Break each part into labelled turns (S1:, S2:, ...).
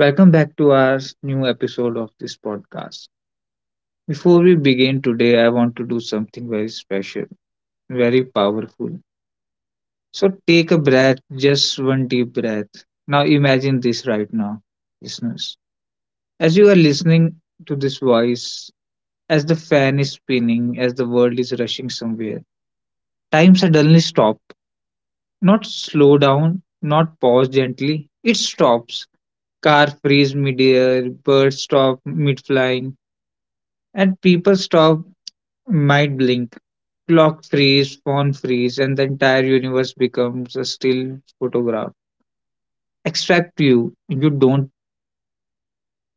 S1: Welcome back to our new episode of this podcast. Before we begin today, I want to do something very special, very powerful. So take a breath, just one deep breath. Now imagine this right now, listeners. As you are listening to this voice, as the fan is spinning, as the world is rushing somewhere, time suddenly stops. Not slow down, not pause gently. It stops. Car freeze midair, birds stop mid flying, and people stop, might blink, clock freeze, phone freeze, and the entire universe becomes a still photograph. Except you, you don't.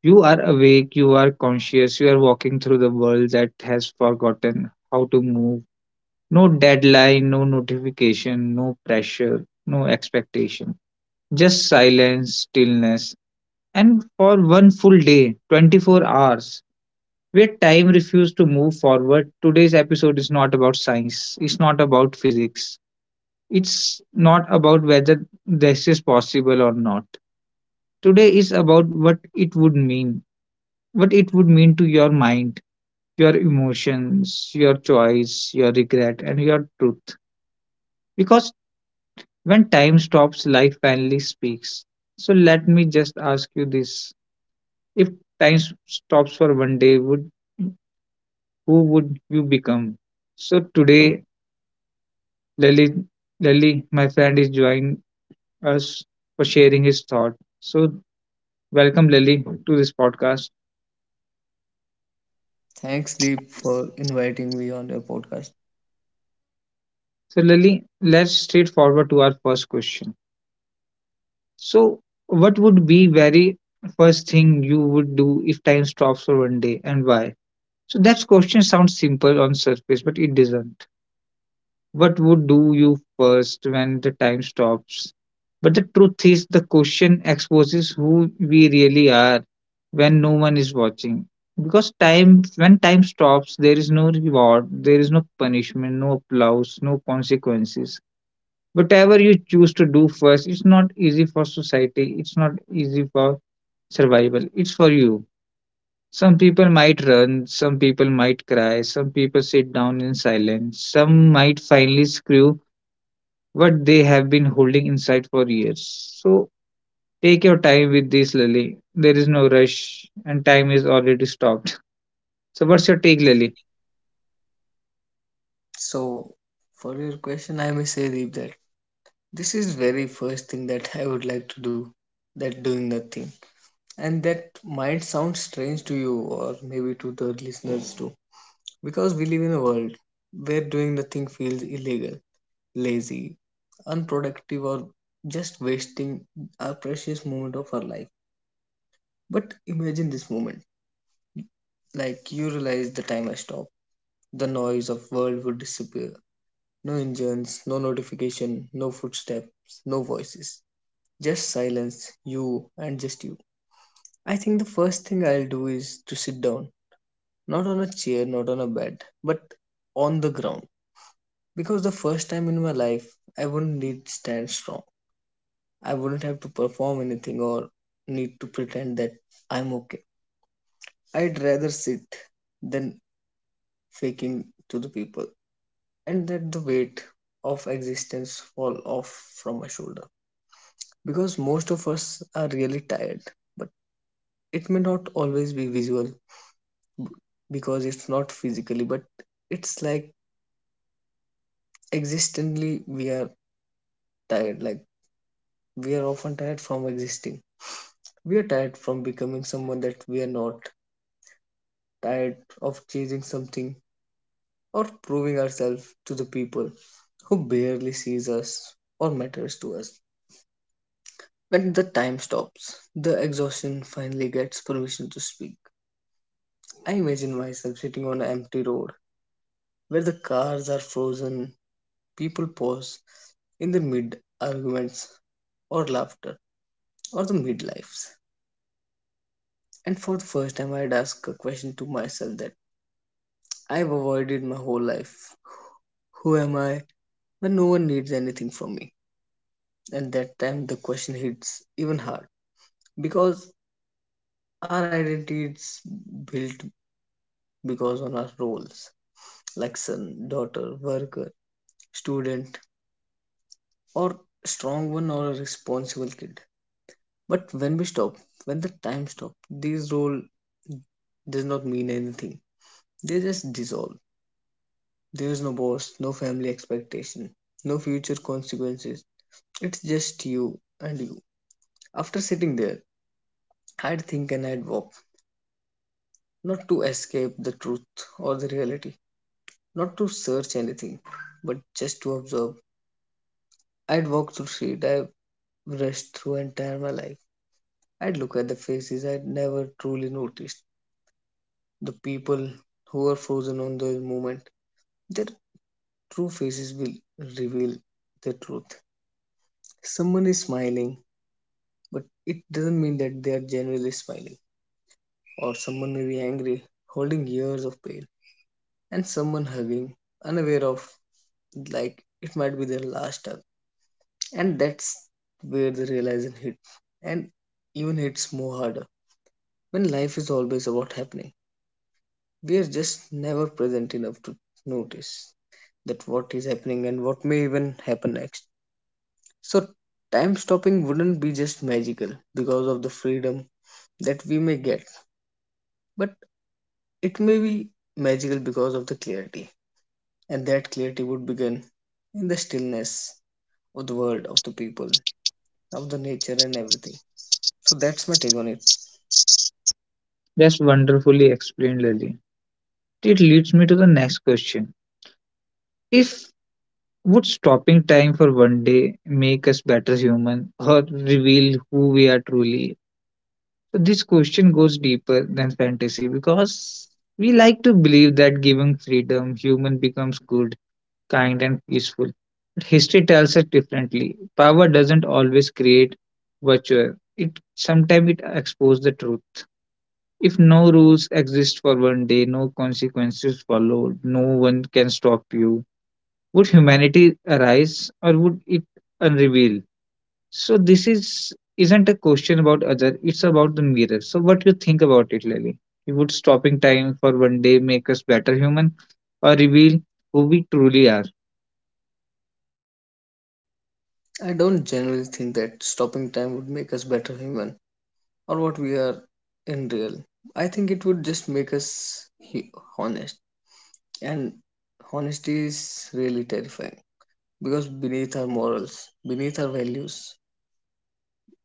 S1: You are awake, you are conscious, you are walking through the world that has forgotten how to move. No deadline, no notification, no pressure, no expectation. Just silence, stillness. And for one full day, 24 hours, where time refused to move forward, today's episode is not about science. It's not about physics. It's not about whether this is possible or not. Today is about what it would mean. What it would mean to your mind, your emotions, your choice, your regret, and your truth. Because when time stops, life finally speaks. So let me just ask you this. If stops for one day, would who would you become? So today Lily, Lily, my friend, is joining us for sharing his thought. So, welcome, Lily, to this podcast.
S2: Thanks, Deep, for inviting me on your podcast.
S1: So, Lily, let's straight forward to our first question. So, what would be very first thing you would do if time stops for one day, and why? So, that question sounds simple on surface, but it doesn't. What would do you first when the time stops? But the truth is, the question exposes who we really are when no one is watching. Because time, when time stops, there is no reward, there is no punishment, no applause, no consequences. Whatever you choose to do first, it's not easy for society, it's not easy for survival, it's for you. Some people might run, some people might cry, some people sit down in silence, some might finally screw what they have been holding inside for years. So take your time with this, Lily. There is no rush, and time is already stopped. So, what's your take, Lily?
S2: So, for your question, I may say, Deep, that this is very first thing that I would like to do, that doing nothing. And that might sound strange to you or maybe to the listeners too, because we live in a world where doing nothing feels illegal, lazy, unproductive, or just wasting a precious moment of our life. But imagine this moment, like you realize the time has stopped, the noise of world would disappear. No engines, no notification, no footsteps, no voices. Just silence, you and just you. I think the first thing I'll do is to sit down. Not on a chair, not on a bed, but on the ground. Because the first time in my life, I wouldn't need to stand strong. I wouldn't have to perform anything or need to pretend that I'm okay. I'd rather sit than faking to the people and let the weight of existence fall off from my shoulder. Because most of us are really tired. But it may not always be visual because it's not physically, but it's like existentially we are tired. Like we are often tired from existing. We are tired from becoming someone that we are not, tired of chasing something or proving ourselves to the people who barely sees us or matters to us. When the time stops, the exhaustion finally gets permission to speak. I imagine myself sitting on an empty road where the cars are frozen, people pause in the mid arguments or laughter or the midlives. And for the first time, I'd ask a question to myself that I've avoided my whole life. Who am I when no one needs anything from me? And that time, the question hits even hard because our identity is built because on our roles like son, daughter, worker, student, or strong one or a responsible kid. But when we stop, when the time stops, this role does not mean anything. They just dissolve. There is no boss, no family expectation, no future consequences. It's just you and you. After sitting there, I'd think and I'd walk, not to escape the truth or the reality, not to search anything, but just to observe. I'd walk through street, I've rushed through entire my life. I'd look at the faces I'd never truly noticed, the people who were frozen on the moment. Their true faces will reveal the truth. Someone is smiling, but it doesn't mean that they are genuinely smiling. Or someone may be angry, holding years of pain, and someone hugging, unaware of like it might be their last hug. And that's where the realization hits, and even hits more harder. When life is always about happening, we are just never present enough to notice that what is happening and what may even happen next. So, time stopping wouldn't be just magical because of the freedom that we may get, but it may be magical because of the clarity. And that clarity would begin in the stillness of the world, of the people, of the nature, and everything. So, that's my take on it.
S1: That's wonderfully explained, Lily. It leads me to the next question. If would stopping time for one day make us better human or reveal who we are truly? So this question goes deeper than fantasy because we like to believe that given freedom, human becomes good kind, and peaceful. But history tells us differently. Power doesn't always create virtue. It sometimes it exposes the truth. If no rules exist for one day, no consequences follow, no one can stop you. Would humanity arise or would it unreveal? So this is isn't a question about other, it's about the mirror. So what you think about it, Lily? You would stopping time for one day make us better human or reveal who we truly are?
S2: I don't generally think that stopping time would make us better human or what we are in real. I think it would just make us honest, and honesty is really terrifying. Because beneath our morals, beneath our values,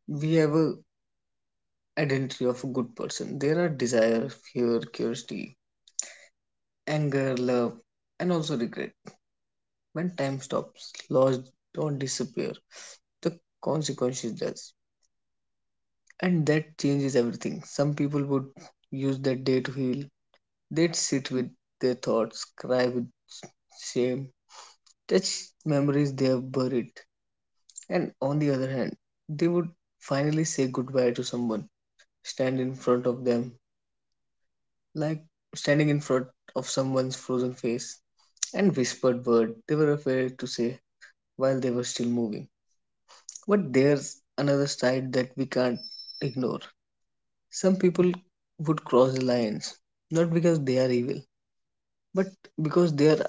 S2: we have a identity of a good person. There are desire, fear, curiosity, anger, love, and also regret. When time stops, laws don't disappear. The consequences does. And that changes everything. Some people would use that day to heal. They'd sit with their thoughts, cry with shame, touch memories they have buried. And on the other hand, they would finally say goodbye to someone, stand in front of them, like standing in front of someone's frozen face, and whispered word they were afraid to say while they were still moving. But there's another side that we can't ignore. Some people would cross the lines, not because they are evil, but because they are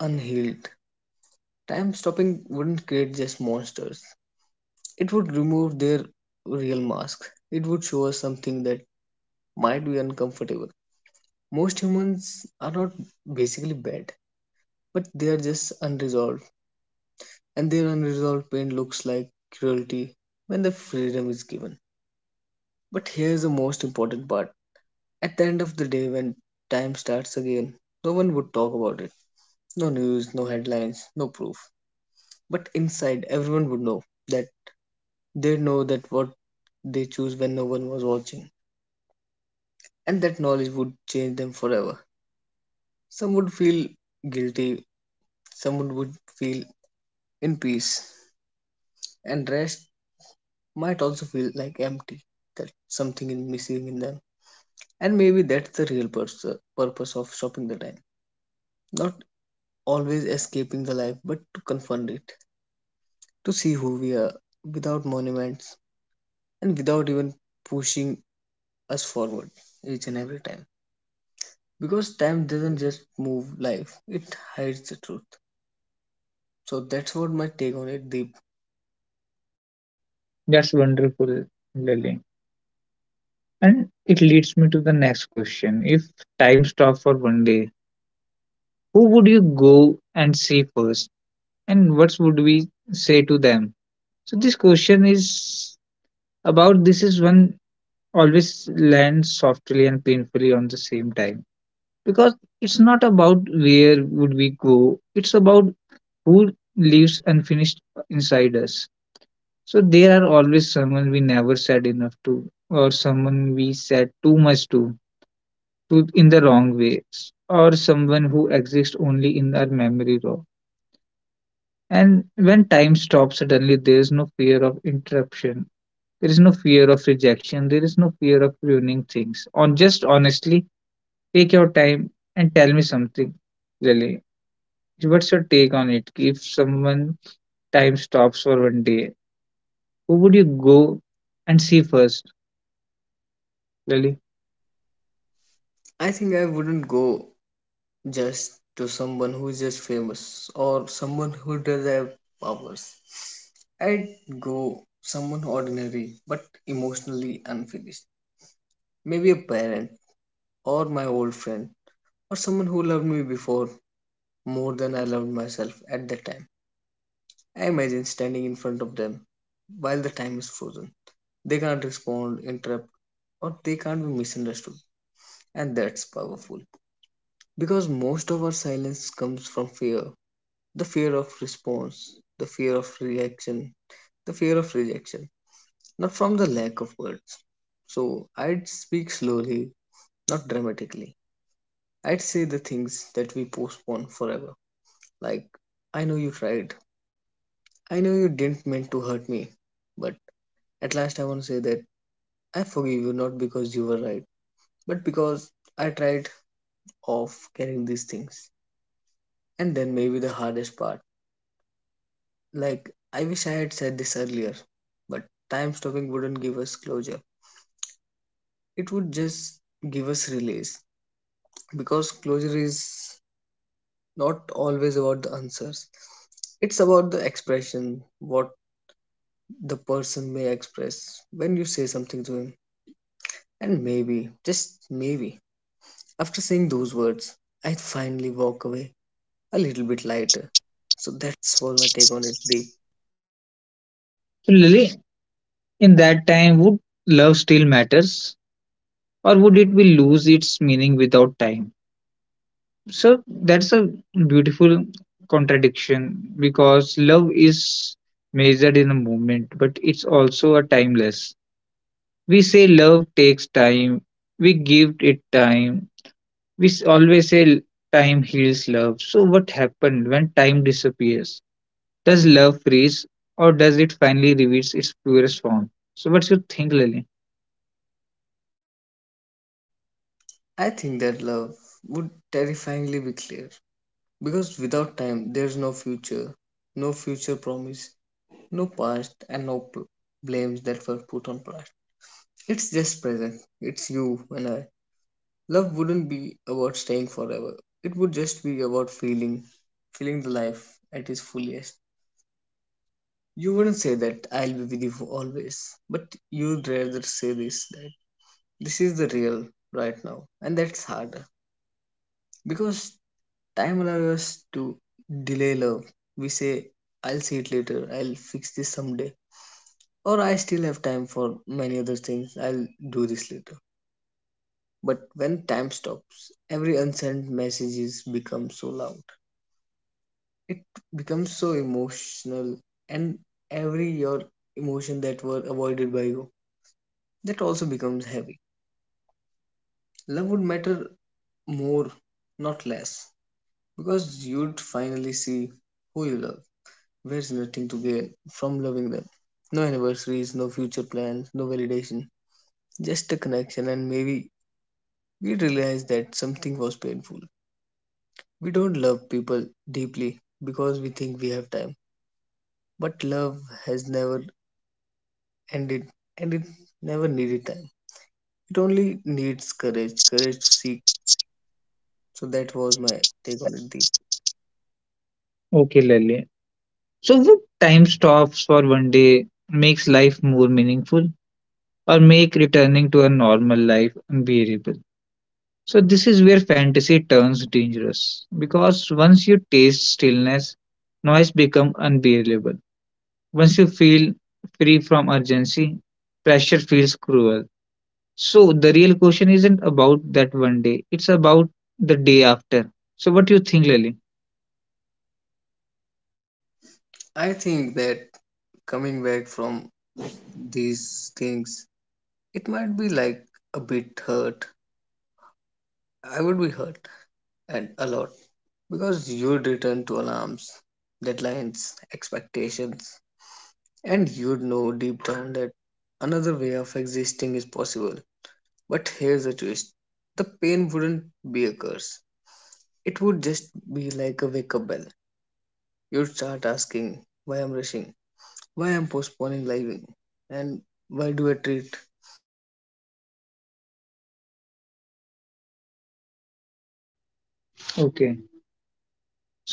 S2: unhealed. Time stopping wouldn't create just monsters. It would remove their real masks. It would show us something that might be uncomfortable. Most humans are not basically bad, but they are just unresolved, and their unresolved pain looks like cruelty when the freedom is given. But here's the most important part: at the end of the day, when time starts again, no one would talk about it. No news, no headlines, no proof. But inside, everyone would know that they know that what they choose when no one was watching, and that knowledge would change them forever. Some would feel guilty, some would feel in peace and rest, might also feel like empty, that something is missing in them, and maybe that's the real purpose of stopping the time, not always escaping the life but to confront it, to see who we are without monuments and without even pushing us forward each and every time, because time doesn't just move life, it hides the truth. So that's what my take on it, Deep.
S1: That's wonderful, Lily. And it leads me to the next question. If time stopped for one day, who would you go and see first? And what would we say to them? So this question is about this is one always lands softly and painfully on the same time. Because it's not about where would we go, it's about who lives unfinished inside us. So there are always someone we never said enough to or someone we said too much to in the wrong ways or someone who exists only in our memory row. And when time stops suddenly, there is no fear of interruption. There is no fear of rejection. There is no fear of ruining things. On just honestly, take your time and tell me something, Lily. What's your take on it? If someone time stops for one day, who would you go and see first, Lily?
S2: I think I wouldn't go just to someone who is just famous or someone who does have powers. I'd go someone ordinary but emotionally unfinished. Maybe a parent or my old friend or someone who loved me before more than I loved myself at that time. I imagine standing in front of them while the time is frozen. They can't respond, interrupt, or they can't be misunderstood. And that's powerful. Because most of our silence comes from fear, the fear of response, the fear of reaction, the fear of rejection, not from the lack of words. So I'd speak slowly, not dramatically. I'd say the things that we postpone forever, like, I know you tried, I know you didn't mean to hurt me, but at last I want to say that I forgive you not because you were right, but because I tried off carrying these things. And then maybe the hardest part, like, I wish I had said this earlier, but time stopping wouldn't give us closure. It would just give us release because closure is not always about the answers. It's about the expression, what the person may express when you say something to him. And maybe, just maybe, after saying those words, I finally walk away a little bit lighter. So that's all my take on it, Deep.
S1: So, Lily, in that time, would love still matters, or would it be lose its meaning without time? So that's a beautiful contradiction because love is measured in a moment, but it's also a timeless. We say love takes time, we give it time, we always say time heals love. So, what happened when time disappears? Does love freeze or does it finally reveals its purest form? So, what's your think, Lily?
S2: I think that love would terrifyingly be clear. Because without time, there is no future, no future promise, no past, and no blames that were put on past. It's just present. It's you and I. Love wouldn't be about staying forever. It would just be about feeling, feeling the life at its fullest. You wouldn't say that I'll be with you for always, but you'd rather say this, that this is the real right now, and that's harder because time allows us to delay love. We say, I'll see it later, I'll fix this someday, or I still have time for many other things, I'll do this later. But when time stops, every unsent messages become so loud. It becomes so emotional, and every your emotion that were avoided by you, that also becomes heavy. Love would matter more, not less, because you'd finally see who you love. Where's nothing to get from loving them? No anniversaries, no future plans, no validation, just a connection, and maybe we realize that something was painful. We don't love people deeply because we think we have time, but love has never ended and it never needed time. It only needs courage, courage to seek. So that was my take on it, Deep.
S1: Okay, Lily. So, would time stops for one day makes life more meaningful? Or make returning to a normal life unbearable. So, this is where fantasy turns dangerous because once you taste stillness, noise becomes unbearable. Once you feel free from urgency, pressure feels cruel. So, the real question isn't about that one day, it's about the day after. So, what do you think, Lily?
S2: I think that coming back from these things, it might be like a bit hurt. I would be hurt, and a lot, because you'd return to alarms, deadlines, expectations, and you'd know deep down that another way of existing is possible. But here's the twist: the pain wouldn't be a curse, it would just be like a wake up bell. You'd start asking why I'm rushing, why I'm postponing living, and why do I treat time like my enemy. Stopping time wouldn't ruin life, it would expose how badly we
S1: Okay,
S2: misuse it,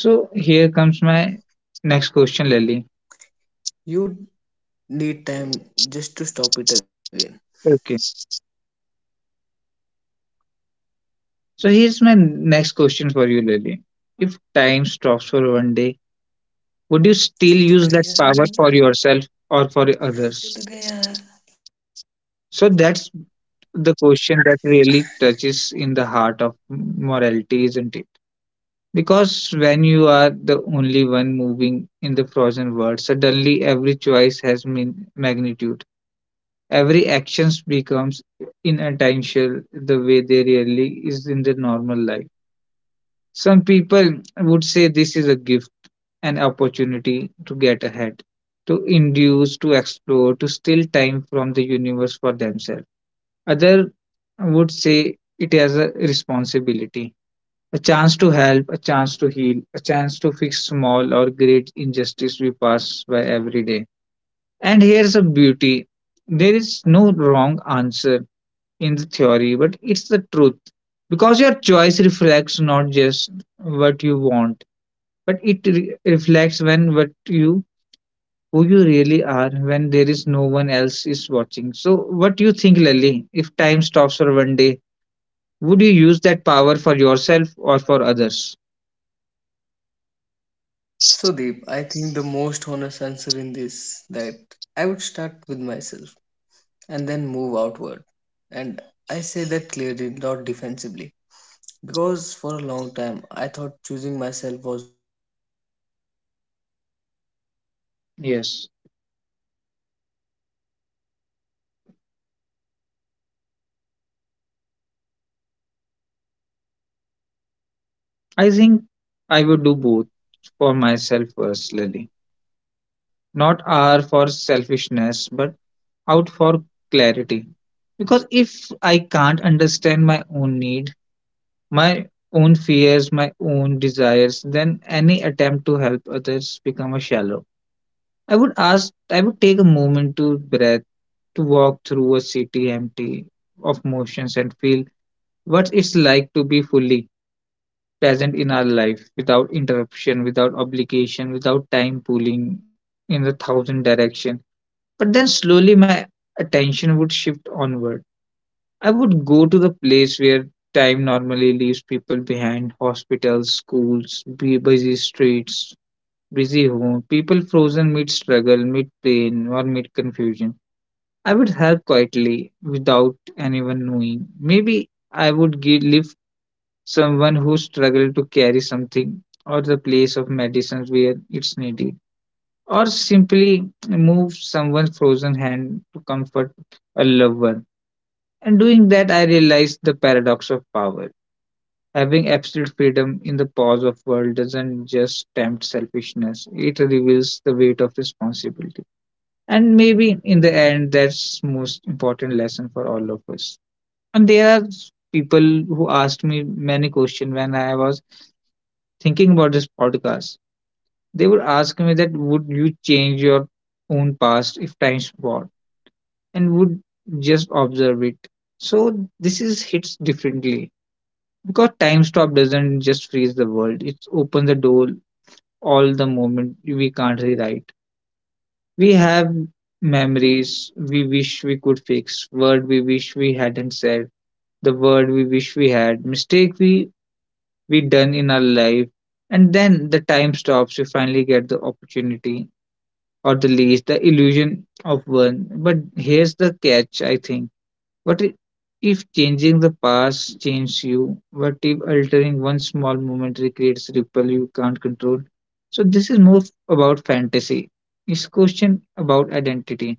S2: and maybe,
S1: here comes
S2: just
S1: my
S2: maybe after that
S1: next
S2: day
S1: question, Lily.
S2: you need time just to stop it again.
S1: Okay, so here's my next question for you, Lily. If time stops for one day, would
S2: Chud
S1: you still
S2: gaya,
S1: use that power for yourself or for
S2: chud
S1: others?
S2: gaya.
S1: So that's the question that really touches in the heart of morality, isn't it? Because when you are the only one moving in the frozen world, suddenly every choice has mean magnitude, every actions becomes inattentional the way they really is in the normal life. Some people would say this is a gift, an opportunity to get ahead, to induce, to explore, to steal time from the universe for themselves. Other would say it as a responsibility, a chance to help, a chance to heal, a chance to fix small or great injustice we pass by every day. And here's a beauty, there is no wrong answer in the theory, but it's the truth because your choice reflects not just what you want, but it reflects when what you who you really are when there is no one else is watching. So what do you think, Lily? If time stops for one day, would you use that power for yourself or for others?
S2: So Deep, I think the most honest answer in this that I would start with myself and then move outward. And I say that clearly, not defensively. Because for a long time I thought choosing myself was wrong. We grew up learning that goodness means
S1: Yes,
S2: sacrifice, the virtue.
S1: I think I would do both. For myself first, personally, not r for selfishness but out for clarity, because if I can't understand my own need, my own fears, my own desires, then any attempt to help others become a shallow. I would ask, I would take a moment to breath, to walk through a city empty of motions and feel what it's like to be fully present in our life without interruption, without obligation, without time pulling in a thousand direction. But then slowly my attention would shift onward. I would go to the place where time normally leaves people behind: hospitals, schools, busy streets, busy home, people frozen mid struggle, mid pain, or mid confusion. I would help quietly without anyone knowing. Maybe I would give lift someone who struggled to carry something or the place of medicines where it's needed. Or simply move someone's frozen hand to comfort a loved one. And doing that, I realized the paradox of power. Having absolute freedom in the paws of world doesn't just tempt selfishness, it reveals the weight of responsibility. And maybe in the end, that's most important lesson for all of us. And there are people who asked me many questions when I was thinking about this podcast. They would ask me that would you change your own past if time's forward and would just observe it. So this is hits differently. Because time stop doesn't just freeze the world, it opens the door all the moment we can't rewrite. We have memories we wish we could fix, word we wish we hadn't said, the word we wish we had, mistake we done in our life, and then the time stops, we finally get the opportunity or the least the illusion of one. But here's the catch, I think what i- if changing the past changes you? What if altering one small moment recreates ripple you can't control? So this is more about fantasy. It's question about identity.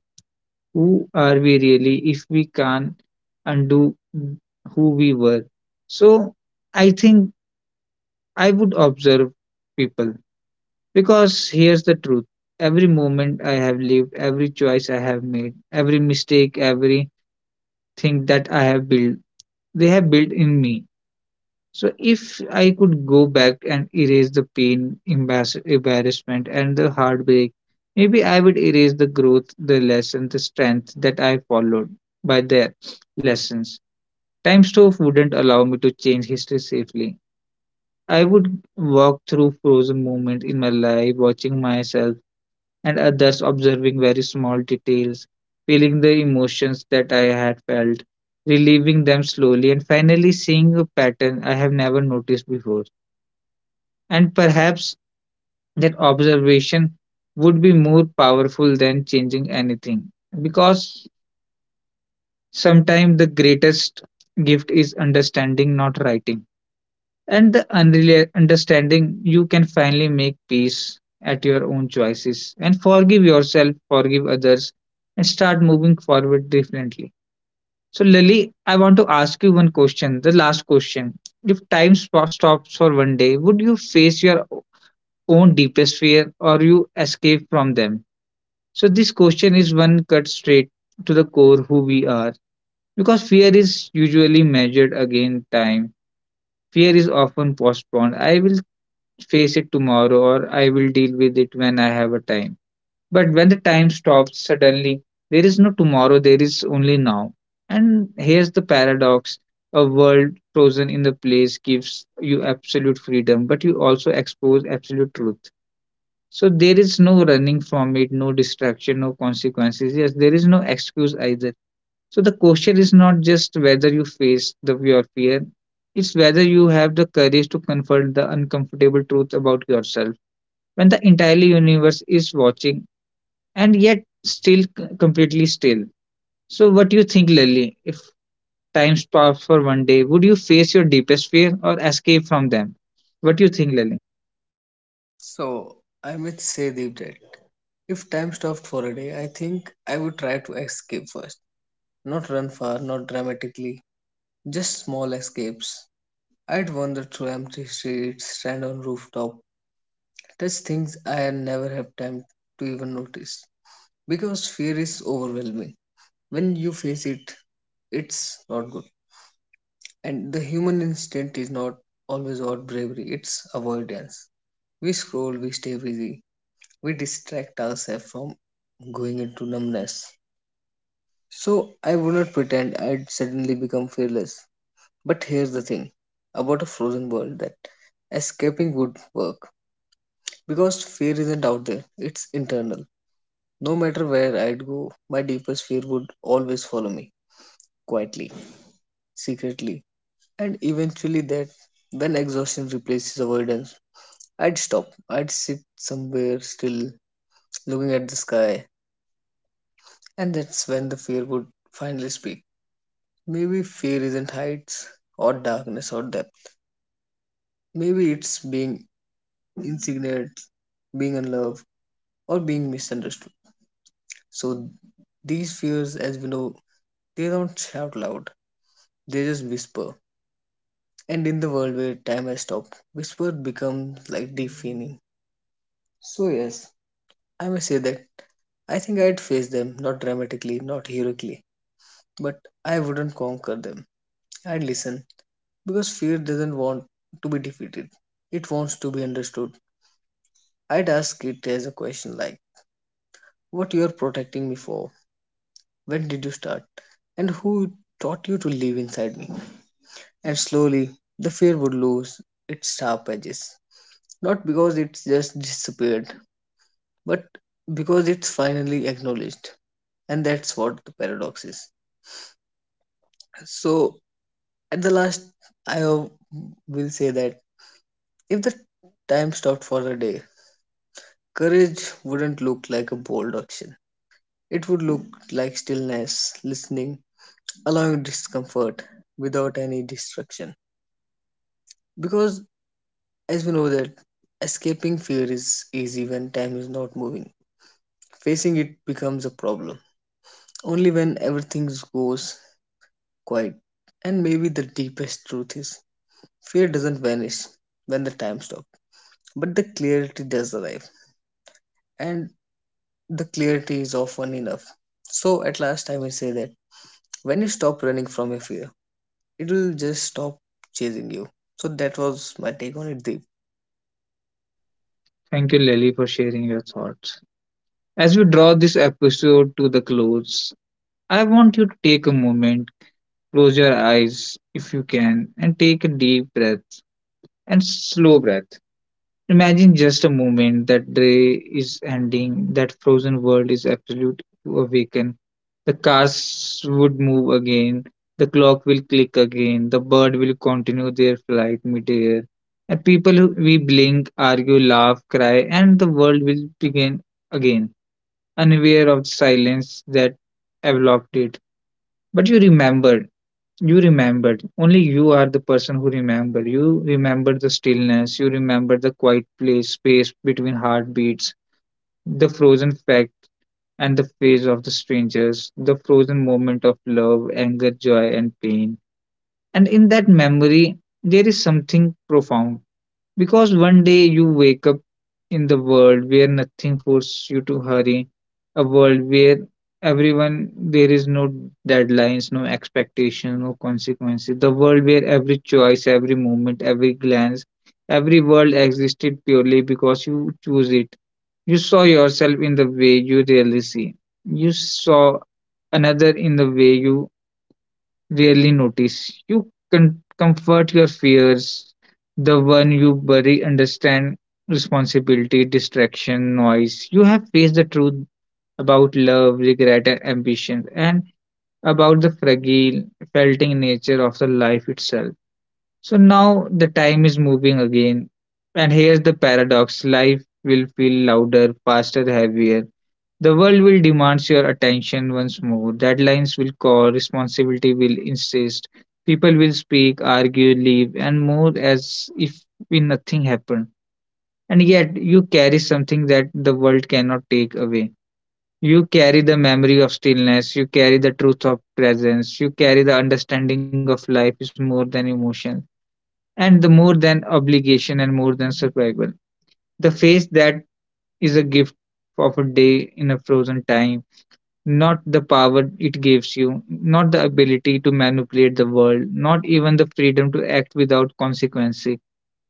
S1: Who are we really if we can't undo who we were? So I think I would observe people because here's the truth. Every moment I have lived, every choice I have made, every mistake, every thing that I have built, they have built in me. So if I could go back and erase the pain, embarrassment, and the heartbreak, maybe I would erase the growth, the lesson, the strength that I followed by their lessons. Time stove wouldn't allow me to change history safely. I would walk through frozen moments in my life, watching myself and others observing very small details, feeling the emotions that I had felt, relieving them slowly, and finally seeing a pattern I have never noticed before. And perhaps that observation would be more powerful than changing anything because sometimes the greatest gift is understanding, not writing. And understanding, you can finally make peace at your own choices and forgive yourself, forgive others, and start moving forward differently. So Lily, I want to ask you one question, the last question. If time stops for 1 day, would you face your own deepest fear, or you escape from them? So this question is one cut straight to the core who we are. Because fear is usually measured against time, fear is often postponed. I will face it tomorrow, or I will deal with it when I have a time. But when the time stops suddenly, there is no tomorrow, there is only now. And here's the paradox: a world frozen in the place gives you absolute freedom, but you also expose absolute truth. So there is no running from it, no distraction, no consequences. Yes, there is no excuse either. So the question is not just whether you face the your fear, it's whether you have the courage to confront the uncomfortable truth about yourself when the entire universe is watching and yet still completely still. So, what do you think, Lily? If time stopped for 1 day, would you face your deepest fear or escape from them? What do you think, Lily?
S2: So I might say, Deep, that if time stopped for a day, I think I would try to escape first. Not run far, not dramatically, just small escapes. I'd wander through empty streets, stand on rooftop, touch things I had never had time to even notice. Because fear is overwhelming. When you face it, it's not good. And the human instinct is not always about bravery, it's avoidance. We scroll, we stay busy, we distract ourselves from going into numbness. So I would not pretend I'd suddenly become fearless. But here's the thing about a frozen world that escaping would work. Because fear isn't out there, it's internal. No matter where I'd go, my deepest fear would always follow me, quietly, secretly. And eventually that when exhaustion replaces avoidance, I'd stop. I'd sit somewhere still, looking at the sky, and that's when the fear would finally speak. Maybe fear isn't heights or darkness or depth. Maybe it's being insignificant, being unloved, or being misunderstood. So these fears, as we know, they don't shout loud, they just whisper. And in the world where time has stopped, whisper becomes like deafening. So, yes, I may say that I think I'd face them, not dramatically, not heroically, but I wouldn't conquer them. I'd listen because fear doesn't want to be defeated, it wants to be understood. I'd ask it as a question like, what you're protecting me for? When did you start? And who taught you to live inside me? And slowly, the fear would lose its sharp edges. Not because it's just disappeared, but because it's finally acknowledged. And that's what the paradox is. So, at the last, I will say that if the time stopped for a day, courage wouldn't look like a bold action. It would look like stillness, listening, allowing discomfort without any distraction. Because, as we know, that escaping fear is easy when time is not moving. Facing it becomes a problem only when everything goes quiet. And maybe the deepest truth is fear doesn't vanish when the time stops, but the clarity does arrive, and the clarity is often enough. So, at last, I may say that when you stop running from your fear, it will just stop chasing you. So, that was my take on it, Deep.
S1: Thank you, Lily, for sharing your thoughts. As we draw this episode to the close, I want you to take a moment, close your eyes if you can, and take a deep breath and slow breath. Imagine just a moment that day is ending, that frozen world is absolute to awaken. The cars would move again, the clock will click again, the bird will continue their flight midair, and people who we blink, argue, laugh, cry, and the world will begin again, unaware of the silence that enveloped it. But you remember, you remembered. Only you are the person who remember. You remember the stillness. You remember the quiet place, space between heartbeats, the frozen fact and the face of the strangers, the frozen moment of love, anger, joy, and pain. And in that memory, there is something profound. Because one day you wake up in the world where nothing forces you to hurry, a world where everyone, there is no deadlines, no expectation, no consequences. The world where every choice, every moment, every glance, every word existed purely because you choose it. You saw yourself in the way you really see. You saw another in the way you rarely notice. You can comfort your fears, the one you bury, understand responsibility, distraction, noise. You have faced the truth about love, regret, and ambition, and about the fragile, felting nature of the life itself. So now the time is moving again, and here's the paradox: life will feel louder, faster, heavier, the world will demand your attention once more. Deadlines will call, responsibility will insist. People will speak, argue, leave, and more as if nothing happened. And yet, you carry something that the world cannot take away. You carry the memory of stillness, you carry the truth of presence, you carry the understanding of life is more than emotion, and the more than obligation and more than survival. The face that is a gift of a day in a frozen time, not the power it gives you, not the ability to manipulate the world, not even the freedom to act without consequence,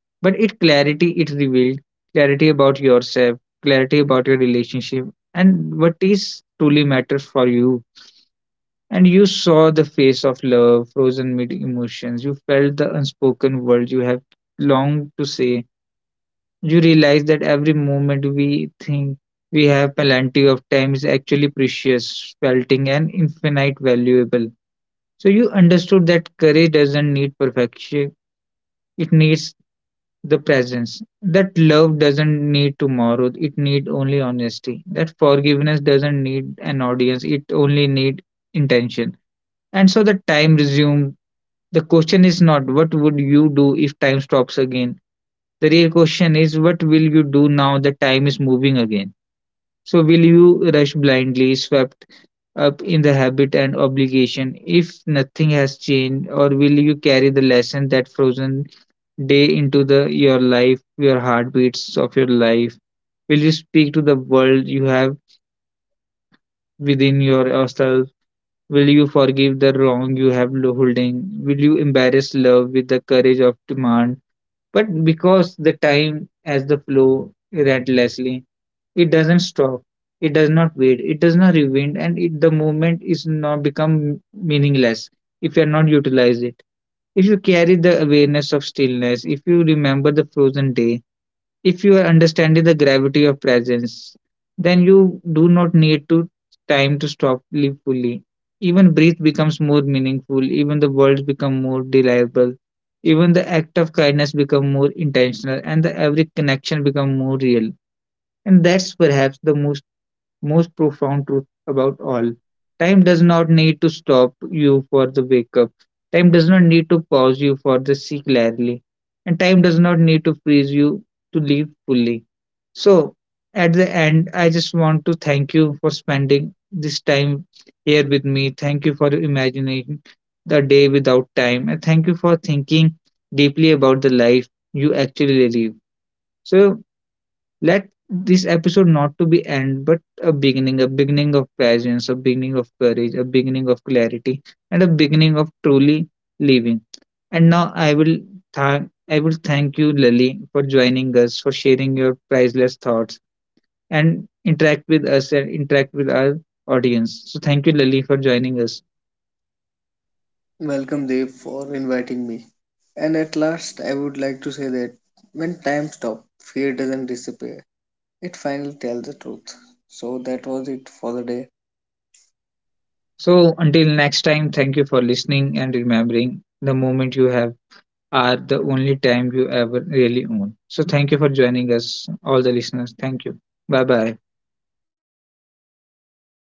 S1: but it clarity it revealed, clarity about yourself, clarity about your relationship, and what is truly matters for you. And you saw the face of love, frozen mid emotions. You felt the unspoken words you have longed to say. You realize that every moment we think we have plenty of time is actually precious, pelting and infinite valuable. So you understood that courage doesn't need perfection, it needs the presence. That love doesn't need tomorrow, it needs only honesty. That forgiveness doesn't need an audience, it only needs intention. And so the time resumed. The question is not what would you do if time stops again? The real question is what will you do now that time is moving again? So, will you rush blindly, swept up in the habit and obligation if nothing has changed, or will you carry the lesson that frozen day into the your life, your heartbeats of your life? Will you speak to the world you have within yourself? Will you forgive the wrong you have holding? Will you embrace love with the courage of demand? But because the time as the flow relentlessly, it doesn't stop. It does not wait. It does not rewind, and it, the moment is not become meaningless if you are not utilize it. If you carry the awareness of stillness, if you remember the frozen day, if you are understanding the gravity of presence, then you do not need to time to stop live fully. Even breath becomes more meaningful, even the words become more reliable, even the act of kindness become more intentional, and the every connection become more real. And that's perhaps the most profound truth about all. Time does not need to stop you for the wake up. Time does not need to pause you for the see clearly. And time does not need to freeze you to live fully. So, at the end, I just want to thank you for spending this time here with me. Thank you for imagining the day without time. And thank you for thinking deeply about the life you actually live. So, let this episode not to be end but a beginning, a beginning of presence, a beginning of courage, a beginning of clarity, and a beginning of truly living. And now I will thank you, Lily, for joining us, for sharing your priceless thoughts and interact with us, and interact with our audience. So thank you, Lily, for joining us.
S2: Welcome, Dev, for inviting me. And at last, I would like to say that when time stops, fear doesn't disappear. It finally tells the truth. So that was it for the day.
S1: So until next time, thank you for listening and remembering the moment you have are the only time you ever really own. So thank you for joining us, all the listeners. Thank you. Bye bye.